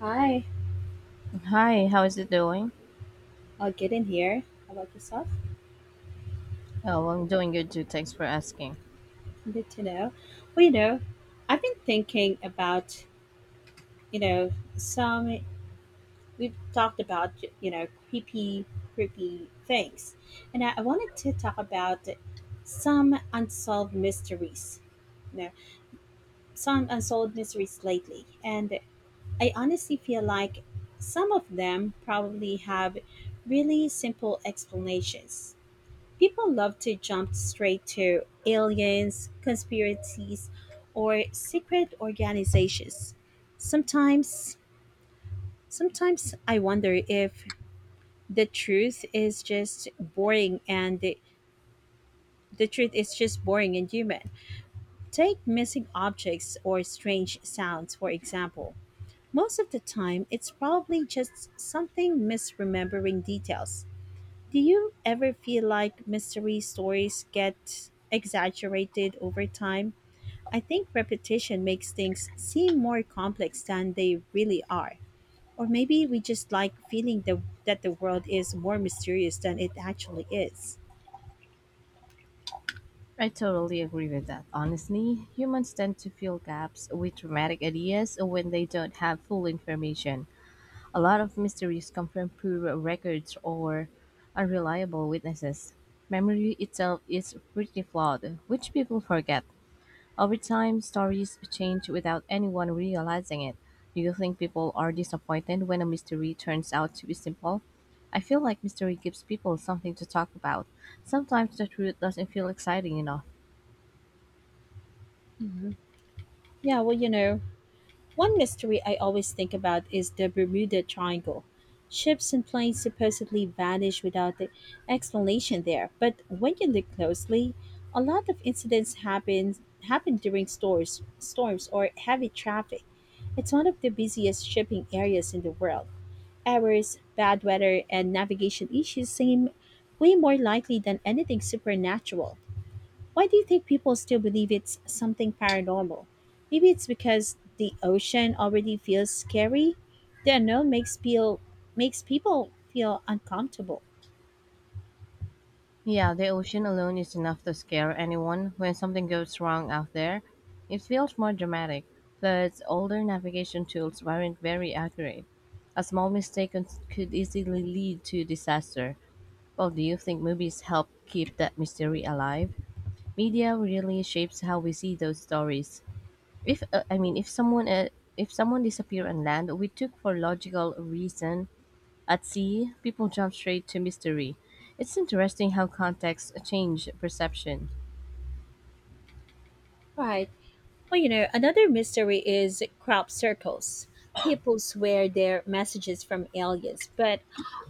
Hi, Hi, how is it doing? I'll get in here. How about yourself? Oh, I'm doing good too. Thanks for asking. Good to know. Well, you know, I've been thinking about, you know, some we've talked about, creepy, creepy things, and I wanted to talk about some unsolved mysteries. You know, some unsolved mysteries lately, and I honestly feel like some of them probably have really simple explanations. People love to jump straight to aliens, conspiracies, or secret organizations. Sometimes, sometimes I wonder if the truth is just boring and the truth is just boring and human. Take missing objects or strange sounds, for example. Most of the time, it's probably just something misremembering details. Do you ever feel like mystery stories get exaggerated over time? I think repetition makes things seem more complex than they really are. Or maybe we just like feeling that the world is more mysterious than it actually is. I totally agree with that. Honestly, humans tend to fill gaps with dramatic ideas when they don't have full information. A lot of mysteries come from poor records or unreliable witnesses. Memory itself is pretty flawed, which people forget. Over time, stories change without anyone realizing it. Do you think people are disappointed when a mystery turns out to be simple? I feel like mystery gives people something to talk about. Sometimes the truth doesn't feel exciting enough. hmm Yeah, one mystery I always think about is the Bermuda Triangle. Ships and planes supposedly vanish without the explanation there, but when you look closely, a lot of incidents happen during storms or heavy traffic. It's one of the busiest shipping areas in the world. Errors, bad weather, and navigation issues seem way more likely than anything supernatural. Why do you think people still believe it's something paranormal? Maybe it's because the ocean already feels scary. The unknown makes feel Makes people feel uncomfortable. Yeah, the ocean alone is enough to scare anyone. When something goes wrong out there, it feels more dramatic. Plus, older navigation tools weren't very accurate. A small mistake could easily lead to disaster. Well, do you think movies help keep that mystery alive? Media really shapes how we see those stories. If I mean, if someone If someone disappeared on land, we took for logical reason. At sea, people jump straight to mystery. It's interesting how context change perception. Right. Another mystery is crop circles. People swear they're messages from aliens, but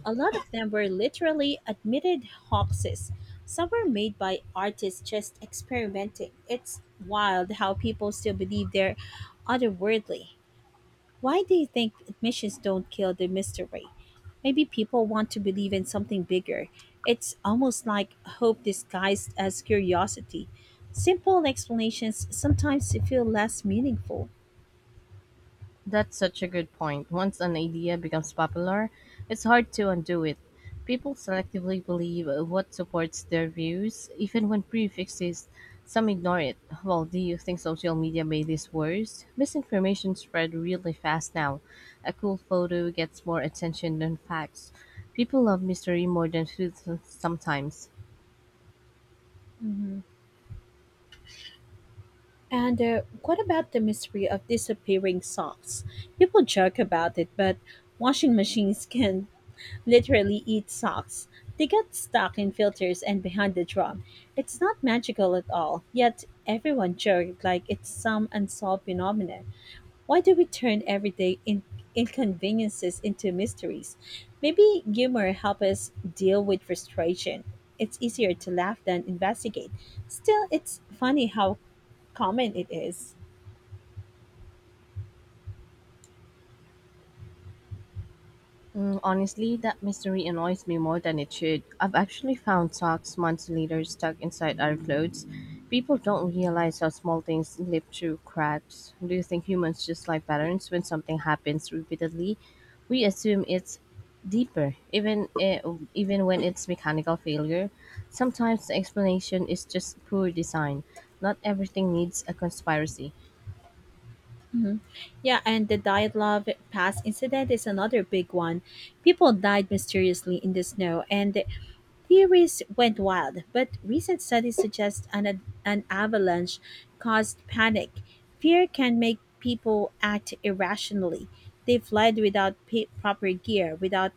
a lot of them were literally admitted hoaxes. Some were made by artists just experimenting. It's wild how people still believe they're otherworldly. Why do you think admissions don't kill the mystery? Maybe people want to believe in something bigger. It's almost like hope disguised as curiosity. Simple explanations sometimes feel less meaningful. That's such a good point. Once an idea becomes popular, it's hard to undo it. People selectively believe what supports their views, even when proof exists. Some ignore it. Well, do you think social media made this worse? Misinformation spread really fast now. A cool photo gets more attention than facts. People love mystery more than truth sometimes. Mhm. And what about the mystery of disappearing socks? People joke about it, but washing machines can literally eat socks. They get stuck in filters and behind the drum. It's not magical at all, yet everyone joked like it's some unsolved phenomenon. Why do we turn everyday inconveniences into mysteries? Maybe humor helps us deal with frustration. It's easier to laugh than investigate. Still, it's funny how common it is. Mm, honestly, that mystery annoys me more than it should. I've actually found socks months later stuck inside our clothes. People don't realize how small things slip through cracks. Do you think humans just like patterns when something happens repeatedly? We assume it's deeper, even when it's mechanical failure. Sometimes the explanation is just poor design. Not everything needs a conspiracy. Mhm. Yeah, and the Diet Love Pass incident is another big one. People died mysteriously in the snow, and the theories went wild. But recent studies suggest an avalanche caused panic. Fear can make people act irrationally. They fled without proper gear, without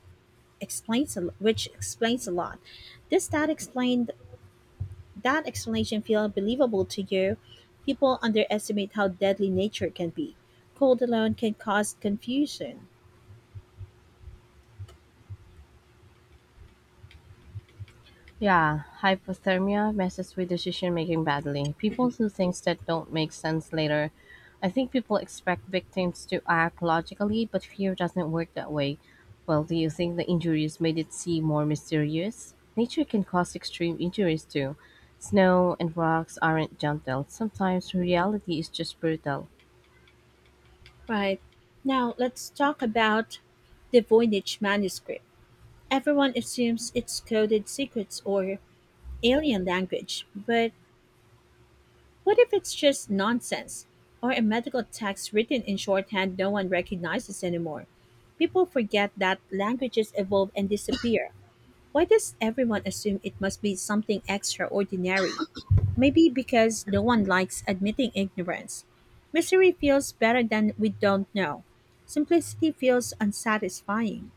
which explains a lot. This stat explained That explanation feel believable to you, people underestimate how deadly nature can be. Cold alone can cause confusion. Yeah, hypothermia messes with decision making badly. People do things that don't make sense later. I think people expect victims to act logically, but fear doesn't work that way. Well, do you think the injuries made it seem more mysterious? Nature can cause extreme injuries too. Snow and rocks aren't gentle. Sometimes reality is just brutal. Right. Now let's talk about the Voynich manuscript. Everyone assumes it's coded secrets or alien language, but what if it's just nonsense or a medical text written in shorthand no one recognizes anymore? People forget that languages evolve and disappear. Why does everyone assume it must be something extraordinary? Maybe because no one likes admitting ignorance. Mystery feels better than we don't know. Simplicity feels unsatisfying,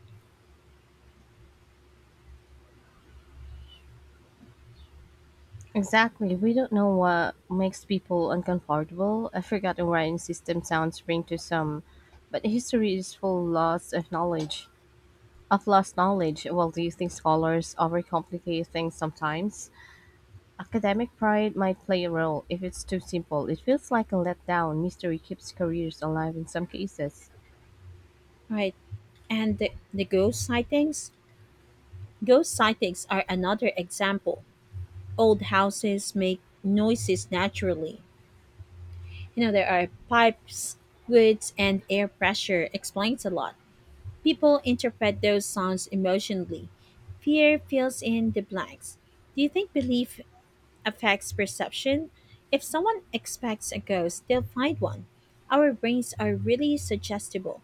Exactly. We don't know what makes people uncomfortable. A forgotten writing system sounds strange to some, but history is full lots of knowledge. Of lost knowledge, well, do you think scholars overcomplicate things sometimes? Academic pride might play a role if it's too simple. It feels like a letdown. Mystery keeps careers alive in some cases. right? And the ghost sightings? Ghost sightings are another example. Old houses make noises naturally. You know, there are pipes, woods, and air pressure explains a lot. People interpret those songs emotionally. Fear fills in the blanks. Do you think belief affects perception? If someone expects a ghost, they'll find one. Our brains are really suggestible.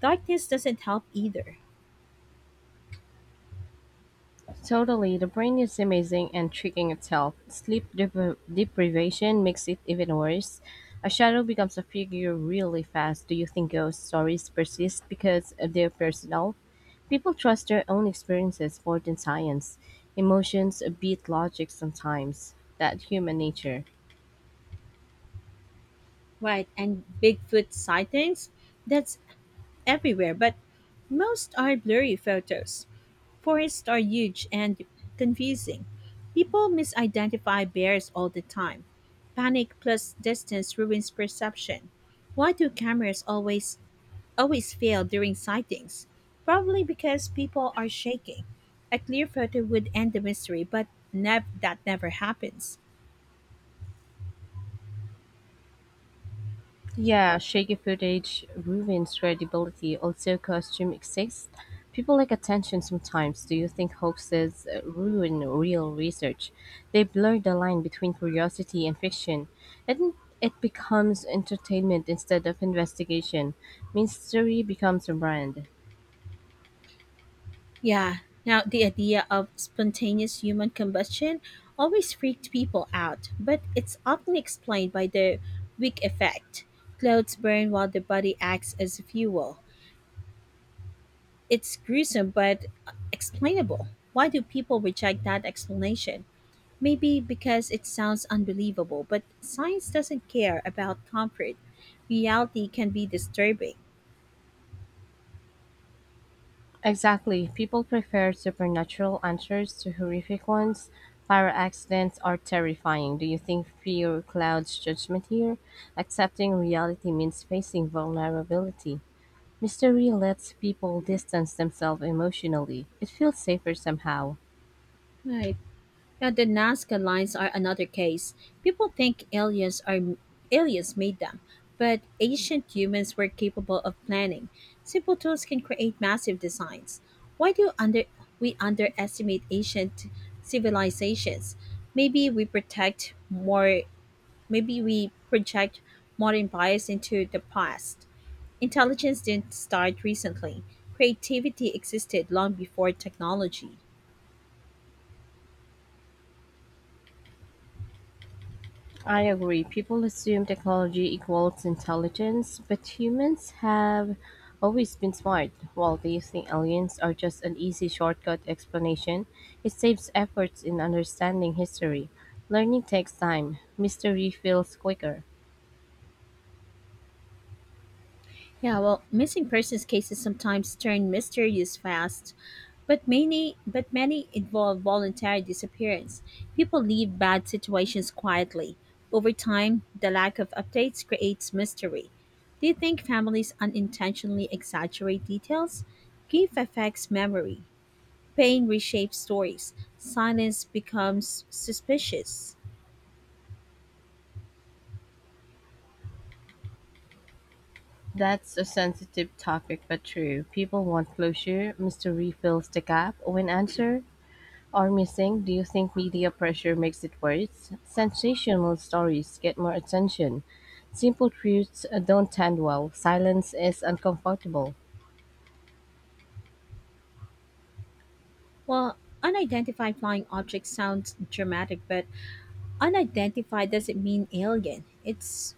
Darkness doesn't help either. Totally, the brain is amazing and tricking itself. Deprivation makes it even worse. A shadow becomes a figure really fast. Do you think ghost stories persist because they're personal? People trust their own experiences more than science. Emotions beat logic sometimes. That human nature. Right, and Bigfoot sightings? That's everywhere, but most are blurry photos. Forests are huge and confusing. People misidentify bears all the time. Panic plus distance ruins perception. Why do cameras always fail during sightings? Probably because people are shaking. A clear photo would end the mystery, but that never happens. Yeah, shaky footage ruins credibility. Also, costume exists. People like attention sometimes. Do you think hoaxes ruin real research? They blur the line between curiosity and fiction, and it becomes entertainment instead of investigation. Mystery becomes a brand. Yeah. Now, the idea of spontaneous human combustion always freaked people out, but it's often explained by the wick effect. Clothes burn while the body acts as fuel. It's gruesome but explainable. Why do people reject that explanation? Maybe because it sounds unbelievable, but science doesn't care about comfort. Reality can be disturbing. Exactly. People prefer supernatural answers to horrific ones. Fire accidents are terrifying. Do you think fear clouds judgment here? Accepting reality means facing vulnerability. Mystery lets people distance themselves emotionally. It feels safer somehow. Right. Now, the Nazca lines are another case. People think aliens are aliens made them, but ancient humans were capable of planning. Simple tools can create massive designs. Why do under we underestimate ancient civilizations? Maybe we protect more. Maybe we project modern bias into the past. Intelligence didn't start recently. Creativity existed long before technology. I agree. People assume technology equals intelligence, but humans have always been smart. While they think aliens are just an easy shortcut explanation, it saves efforts in understanding history. Learning takes time, mystery feels quicker. Yeah, well, missing persons cases sometimes turn mysterious fast, but many involve voluntary disappearance. People leave bad situations quietly. Over time, the lack of updates creates mystery. Do you think families unintentionally exaggerate details? Grief affects memory. Pain reshapes stories. Silence becomes suspicious. That's a sensitive topic, but true. People want closure, mystery fills the gap. When answered, Are missing, do you think media pressure makes it worse? Sensational stories get more attention. Simple truths don't end well. Silence is uncomfortable. Well, unidentified flying objects sounds dramatic, but unidentified doesn't mean alien. It's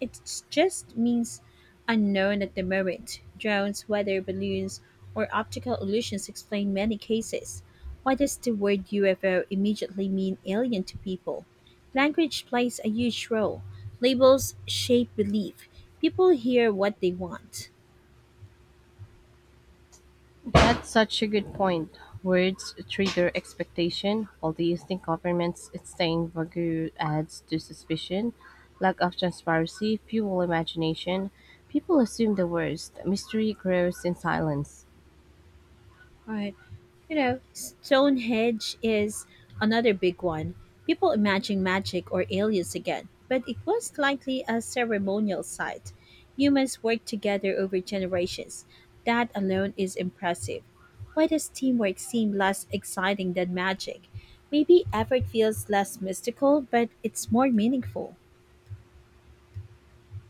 it just means unknown at the moment. Drones, weather balloons, or optical illusions explain many cases. Why does the word UFO immediately mean alien to people? Language plays a huge role. Labels shape belief. People hear what they want. That's such a good point. Words trigger expectation. Or do you think governments staying vague adds to suspicion? Lack of transparency, fuel imagination. People assume the worst. Mystery grows in silence. All right. You know, Stonehenge is another big one. People imagine magic or aliens again, but it was likely a ceremonial site. Humans worked together over generations. That alone is impressive. Why does teamwork seem less exciting than magic? Maybe effort feels less mystical, but it's more meaningful.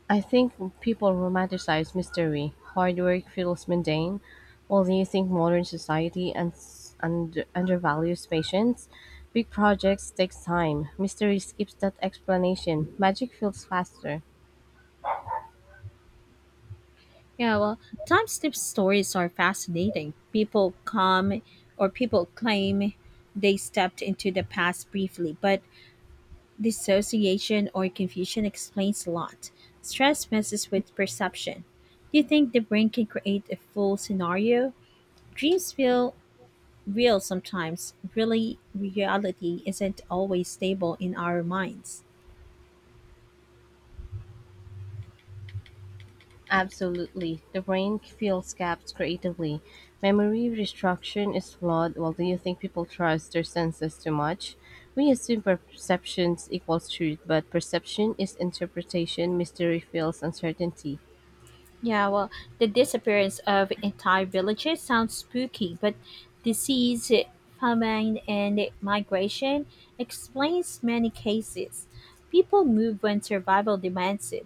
I think people romanticize mystery. Hard work feels mundane, while do you think modern society and undervalues patience? Big projects take time. Mystery skips that explanation. Magic feels faster. Yeah, well, time slip stories are fascinating. People come or people claim they stepped into the past briefly, but dissociation or confusion explains a lot. Stress messes with perception. Do you think the brain can create a full scenario? Dreams feel real sometimes. Really, reality isn't always stable in our minds. Absolutely. The brain fills gaps creatively. Memory restructuring is flawed. Well, do you think people trust their senses too much? We assume perceptions equals truth, but perception is interpretation. Mystery feels uncertainty. Yeah, well, the disappearance of entire villages sounds spooky, but disease, famine, and migration explains many cases. People move when survival demands it.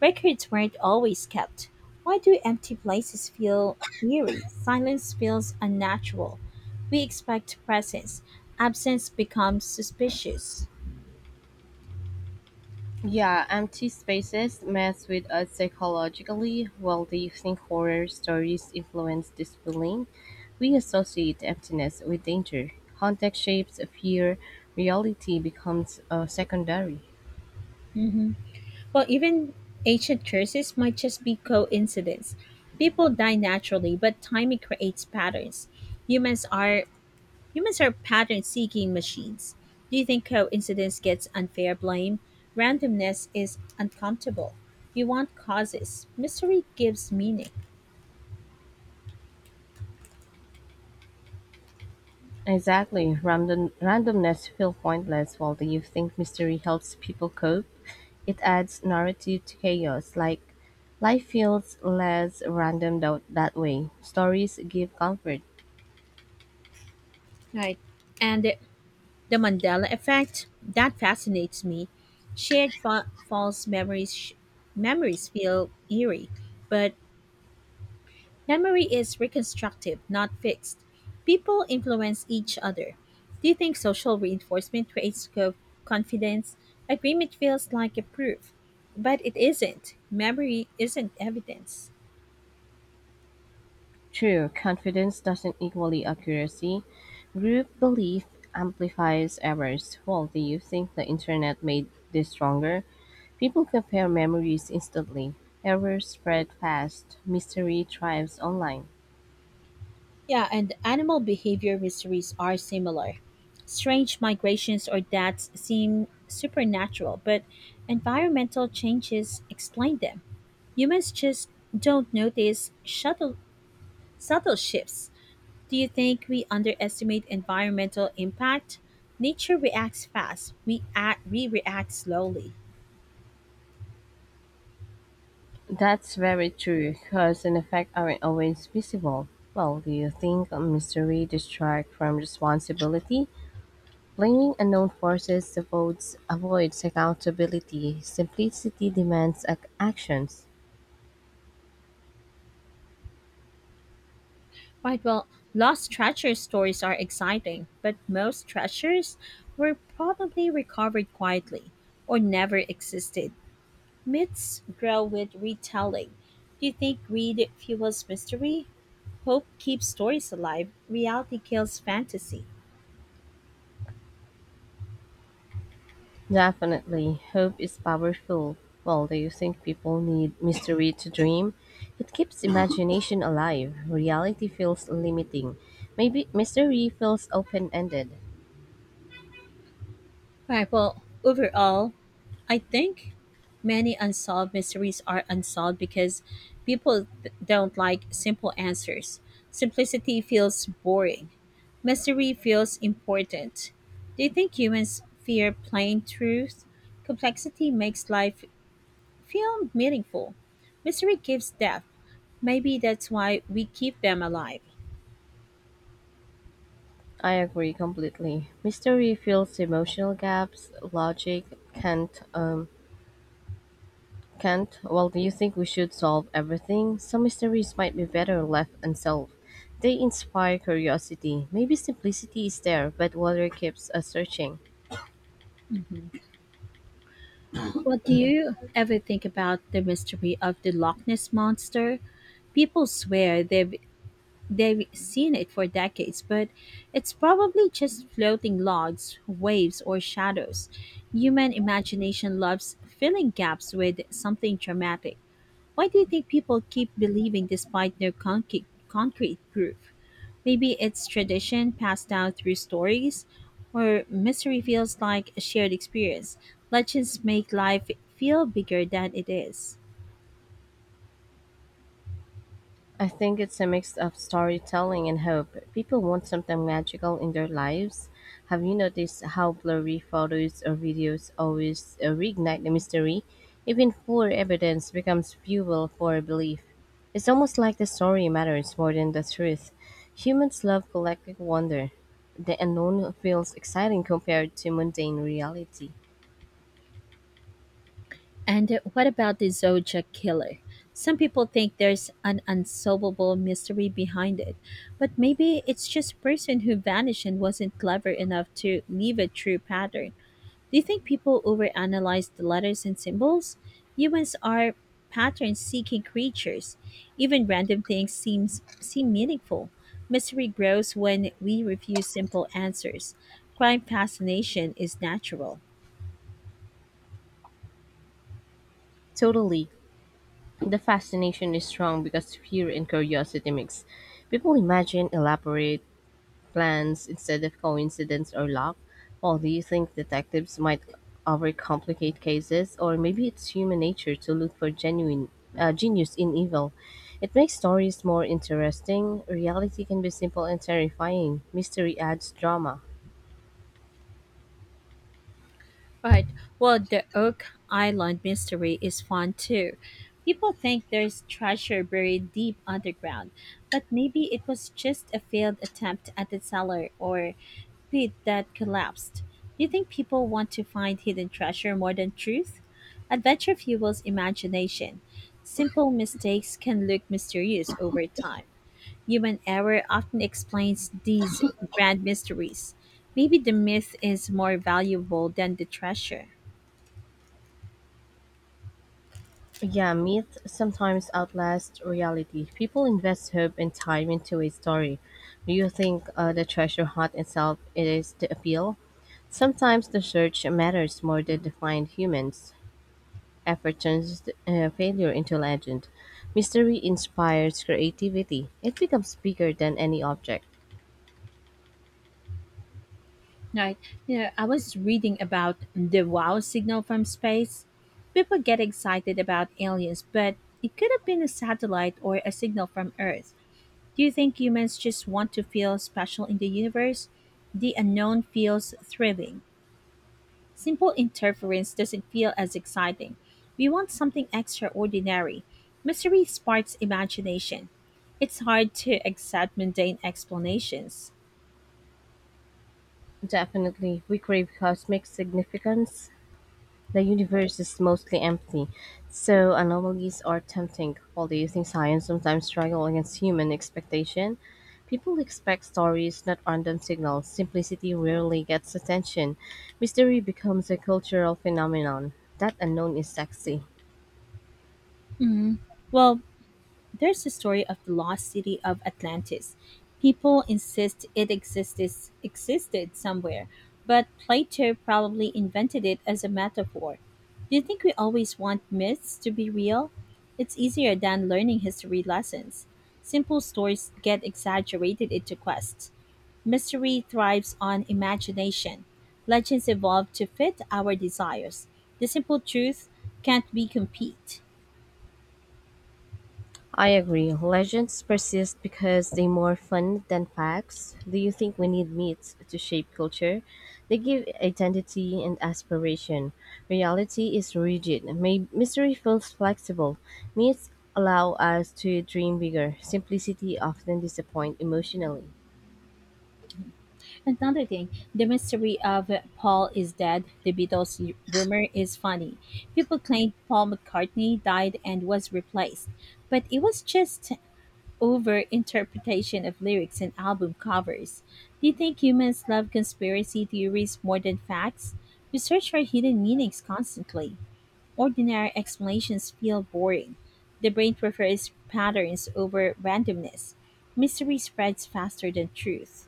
Records weren't always kept. Why do empty places feel eerie? Silence feels unnatural. We expect presence. Absence becomes suspicious. Yeah, empty spaces mess with us psychologically. While do you think horror stories influence this feeling? We associate emptiness with danger. Context shapes fear. Reality becomes secondary. Mhm. Well, even ancient curses might just be coincidence. People die naturally, but timing creates patterns. Humans are humans are pattern-seeking machines. Do you think coincidence gets unfair blame? Randomness is uncomfortable. You want causes. Mystery gives meaning. Exactly. Randomness feels pointless. While the you think mystery helps people cope? It adds narrative to chaos. Like life feels less random that way. Stories give comfort. Right. And the Mandela effect, that fascinates me. Shared fa- false memories sh- memories feel eerie, but memory is reconstructive, not fixed. People influence each other. Do you think social reinforcement creates confidence? Agreement feels like a proof, but it isn't. Memory isn't evidence. True, confidence doesn't equal accuracy. Group belief amplifies errors. Well, do you think the internet made this stronger? People compare memories instantly. Errors spread fast. Mystery thrives online. Yeah, and animal behavior mysteries are similar. Strange migrations or deaths seem supernatural, but environmental changes explain them. Humans just don't notice subtle shifts. Do you think we underestimate environmental impact? Nature reacts fast, we react slowly. That's very true. Cause and effect aren't always visible. Well, do you think a mystery distracts from responsibility? Blaming unknown forces avoids accountability. Simplicity demands actions. Right, well, lost treasure stories are exciting, but most treasures were probably recovered quietly or never existed. Myths grow with retelling. Do you think greed fuels mystery? Hope keeps stories alive, reality kills fantasy. Definitely, hope is powerful. Well, do you think people need mystery to dream? It keeps imagination alive. Reality feels limiting. Maybe mystery feels open ended. Right. Well, overall, I think many unsolved mysteries are unsolved because people don't like simple answers. Simplicity feels boring. Mystery feels important. Do you think humans fear plain truth? Complexity makes life feel meaningful. Mystery gives depth. Maybe that's why we keep them alive. I agree completely. Mystery fills emotional gaps. Logic can't. Can't. Well, do you think we should solve everything? Some mysteries might be better left unsolved. They inspire curiosity. Maybe simplicity is there, but wonder keeps us searching. Well, do you ever think about the mystery of the Loch Ness monster? People swear they've seen it for decades, but it's probably just floating logs, waves, or shadows. Human imagination loves filling gaps with something dramatic. Why do you think people keep believing despite no concrete proof? Maybe it's tradition passed down through stories, or mystery feels like a shared experience. Legends make life feel bigger than it is. I think it's a mix of storytelling and hope. People want something magical in their lives. Have you noticed how blurry photos or videos always reignite the mystery? Even poor evidence becomes fuel for belief. It's almost like the story matters more than the truth. Humans love collective wonder. The unknown feels exciting compared to mundane reality. And what about the Zodiac Killer? Some people think there's an unsolvable mystery behind it, but maybe it's just a person who vanished and wasn't clever enough to leave a true pattern. Do you think people overanalyze the letters and symbols? Humans are pattern seeking creatures. Even random things seem meaningful. Mystery grows when we refuse simple answers. Crime fascination is natural. Totally. The fascination is strong because fear and curiosity mix. People imagine elaborate plans instead of coincidence or luck? Well, do you think detectives might overcomplicate cases, or maybe it's human nature to look for genuine genius in evil? It makes stories more interesting. Reality can be simple and terrifying. Mystery adds drama. Right. Well, the Oak Island mystery is fun too. People think there's treasure buried deep underground, but maybe it was just a failed attempt at the cellar or pit that collapsed. Do you think people want to find hidden treasure more than truth? Adventure fuels imagination. Simple mistakes can look mysterious over time. Human error often explains these grand mysteries. Maybe the myth is more valuable than the treasure. Yeah, myth sometimes outlasts reality. People invest hope and time into a story. Do you think the treasure hunt itself is the appeal? Sometimes the search matters more than the find humans. Effort turns failure into legend. Mystery inspires creativity. It becomes bigger than any object. Right. You know, I was reading about the wow signal from space. People get excited about aliens, but it could have been a satellite or a signal from Earth. Do you think humans just want to feel special in the universe? The unknown feels thrilling. Simple interference doesn't feel as exciting. We want something extraordinary. Mystery sparks imagination. It's hard to accept mundane explanations. Definitely, we crave cosmic significance. The universe is mostly empty, so anomalies are tempting. Although using science sometimes struggle against human expectation, people expect stories, not random signals. Simplicity rarely gets attention. Mystery becomes a cultural phenomenon. That unknown is sexy. Mm. Well, there's the story of the lost city of Atlantis. People insist existed somewhere, but Plato probably invented it as a metaphor. Do you think we always want myths to be real? It's easier than learning history lessons. Simple stories get exaggerated into quests. Mystery thrives on imagination. Legends evolve to fit our desires. The simple truth can't be compete. I agree. Legends persist because they're more fun than facts. Do you think we need myths to shape culture? They give identity and aspiration. Reality is rigid. Mystery feels flexible. Myths allow us to dream bigger. Simplicity often disappoints emotionally. Another thing, the mystery of Paul is dead. The Beatles rumor is funny. People claimed Paul McCartney died and was replaced, but it was just over interpretation of lyrics and album covers. Do you think humans love conspiracy theories more than facts? We search for hidden meanings constantly. Ordinary explanations feel boring. The brain prefers patterns over randomness. Mystery spreads faster than truth.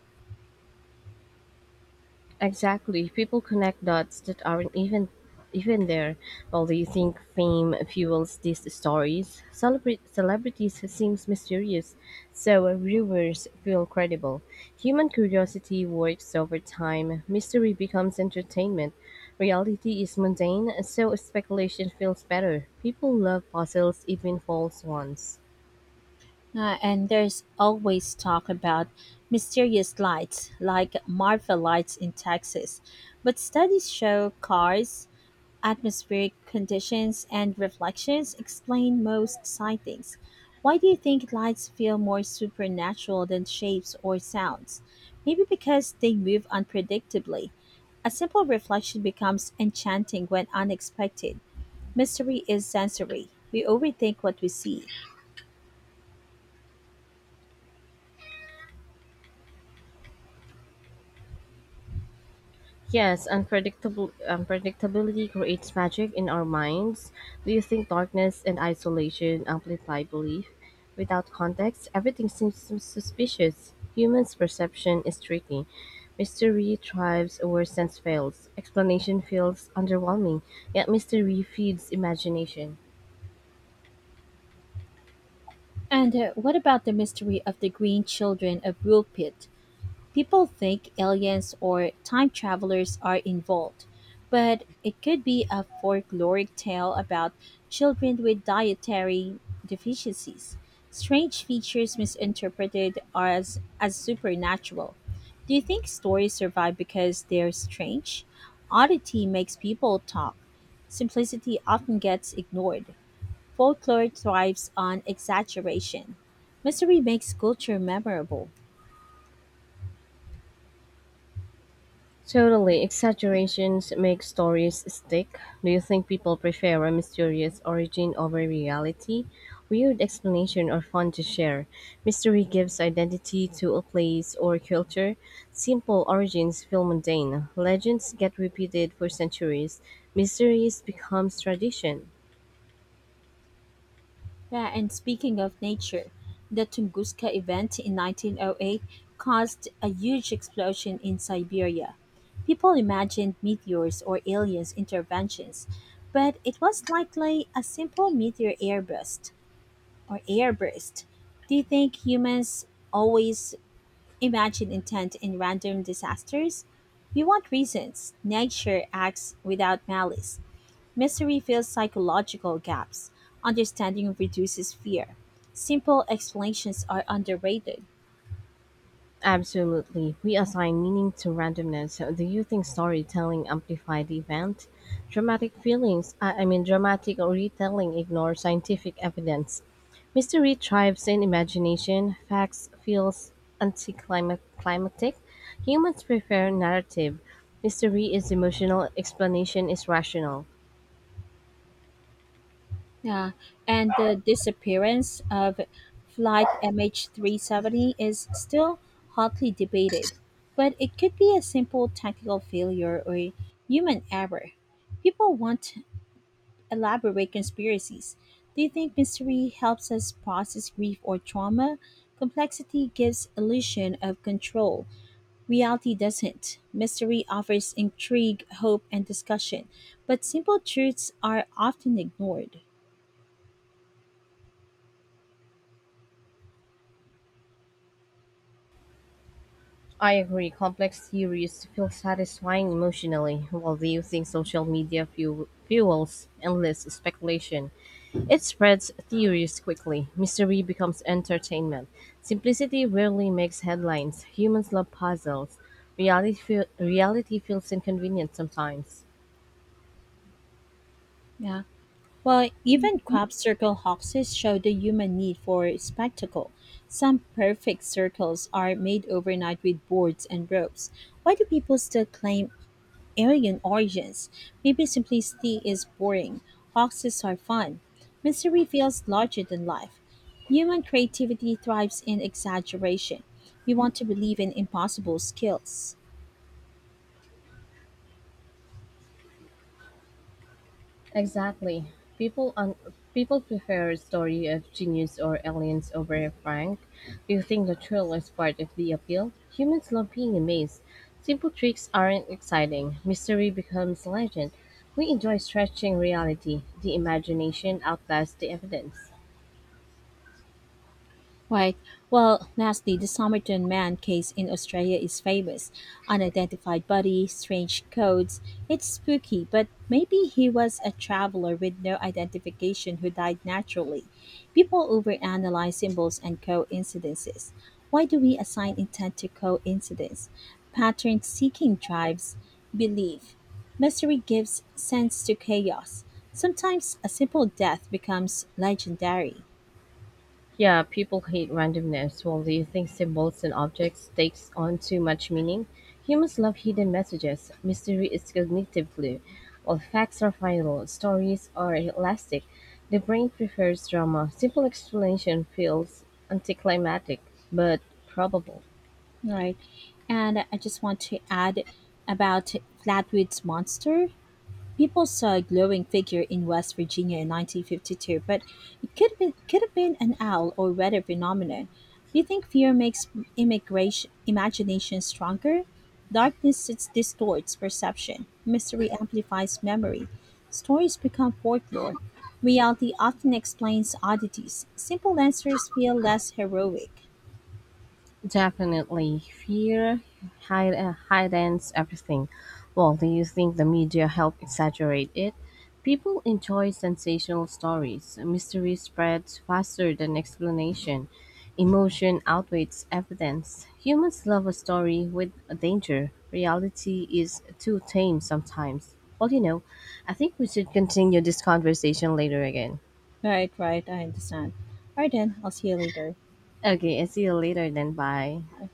Exactly. People connect dots that aren't even there. While they think fame fuels these stories, celebrate celebrities seems mysterious, so viewers feel credible. Human curiosity works over time. Mystery becomes entertainment. Reality is mundane, so speculation feels better. People love puzzles, even false ones. And there's always talk about mysterious lights, like Marfa lights in Texas. But studies show cars, atmospheric conditions, and reflections explain most sightings. Why do you think lights feel more supernatural than shapes or sounds? Maybe because they move unpredictably. A simple reflection becomes enchanting when unexpected. Mystery is sensory. We overthink what we see. Yes, unpredictable unpredictability creates magic in our minds. Do you think darkness and isolation amplify belief? Without context, everything seems suspicious. Humans' perception is tricky. Mystery thrives where sense fails. Explanation feels underwhelming, yet mystery feeds imagination. And what about the mystery of the green children of Rulpit? People think aliens or time travelers are involved, but it could be a folkloric tale about children with dietary deficiencies. Strange features misinterpreted are as supernatural. Do you think stories survive because they're strange? Oddity makes people talk. Simplicity often gets ignored. Folklore thrives on exaggeration. Mystery makes culture memorable. Totally. Exaggerations make stories stick. Do you think people prefer a mysterious origin over reality? Weird explanation are fun to share. Mystery gives identity to a place or culture. Simple origins feel mundane. Legends get repeated for centuries. Mysteries becomes tradition. Yeah, and speaking of nature, the Tunguska event in 1908 caused a huge explosion in Siberia. People imagined meteors or aliens' interventions, but it was likely a simple meteor airburst or airburst. Do you think humans always imagine intent in random disasters. We want reasons. Nature acts without malice. Mystery fills psychological gaps. Understanding reduces fear. Simple explanations are underrated. Absolutely. We assign meaning to randomness. So do you think storytelling amplifies the event? Dramatic feelings, I mean, Dramatic retelling ignores scientific evidence. Mystery thrives in imagination. Facts feels anticlimactic. Humans prefer narrative. Mystery is emotional. Explanation is rational. Yeah, and the disappearance of Flight MH370 is still hotly debated, but it could be a simple technical failure or human error. People want elaborate conspiracies. Do you think mystery helps us process grief or trauma? Complexity gives illusion of control. Reality doesn't. Mystery offers intrigue, hope, and discussion, but simple truths are often ignored. I agree, complex theories feel satisfying emotionally, while the using social media fuels endless speculation. It spreads theories quickly. Mystery becomes entertainment. Simplicity rarely makes headlines. Humans love puzzles. Reality feels inconvenient sometimes. Yeah. Well, even crop circle hoaxes show the human need for spectacle. Some perfect circles are made overnight with boards and ropes. Why do people still claim arrogant origins. Maybe simplicity is boring. Hoaxes are fun. Mystery feels larger than life. Human creativity thrives in exaggeration. We want to believe in impossible skills. Exactly. People un- People prefer a story of genius or aliens over a prank. Do you think the thrill is part of the appeal? Humans love being amazed. Simple tricks aren't exciting. Mystery becomes legend. We enjoy stretching reality. The imagination outlasts the evidence. Right. Well, lastly, the Somerton Man case in Australia is famous. Unidentified body, strange codes. It's spooky, but maybe he was a traveler with no identification who died naturally. People overanalyze symbols and coincidences. Why do we assign intent to coincidence? Pattern seeking drives belief. Mystery gives sense to chaos. Sometimes a simple death becomes legendary. Yeah, people hate randomness. While they think symbols and objects takes on too much meaning, humans love hidden messages. Mystery is cognitive glue. While facts are final, stories are elastic. The brain prefers drama. Simple explanation feels anticlimactic, but probable. Right. And I just want to add about Flatwoods Monster. People saw a glowing figure in West Virginia in 1952, but it could have been an owl or weather phenomenon. Do you think fear makes immigration imagination stronger? Darkness it distorts perception. Mystery amplifies memory. Stories become folklore. Reality often explains oddities. Simple answers feel less heroic. Definitely. Hidens everything. Well, do you think the media help exaggerate it? People enjoy sensational stories. Mystery spreads faster than explanation. Emotion outweighs evidence. Humans love a story with a danger. Reality is too tame sometimes. Well, you know, I think we should continue this conversation later again. Right, right, I understand. Alright then, I'll see you later. Okay, I see you later then. Bye. Bye.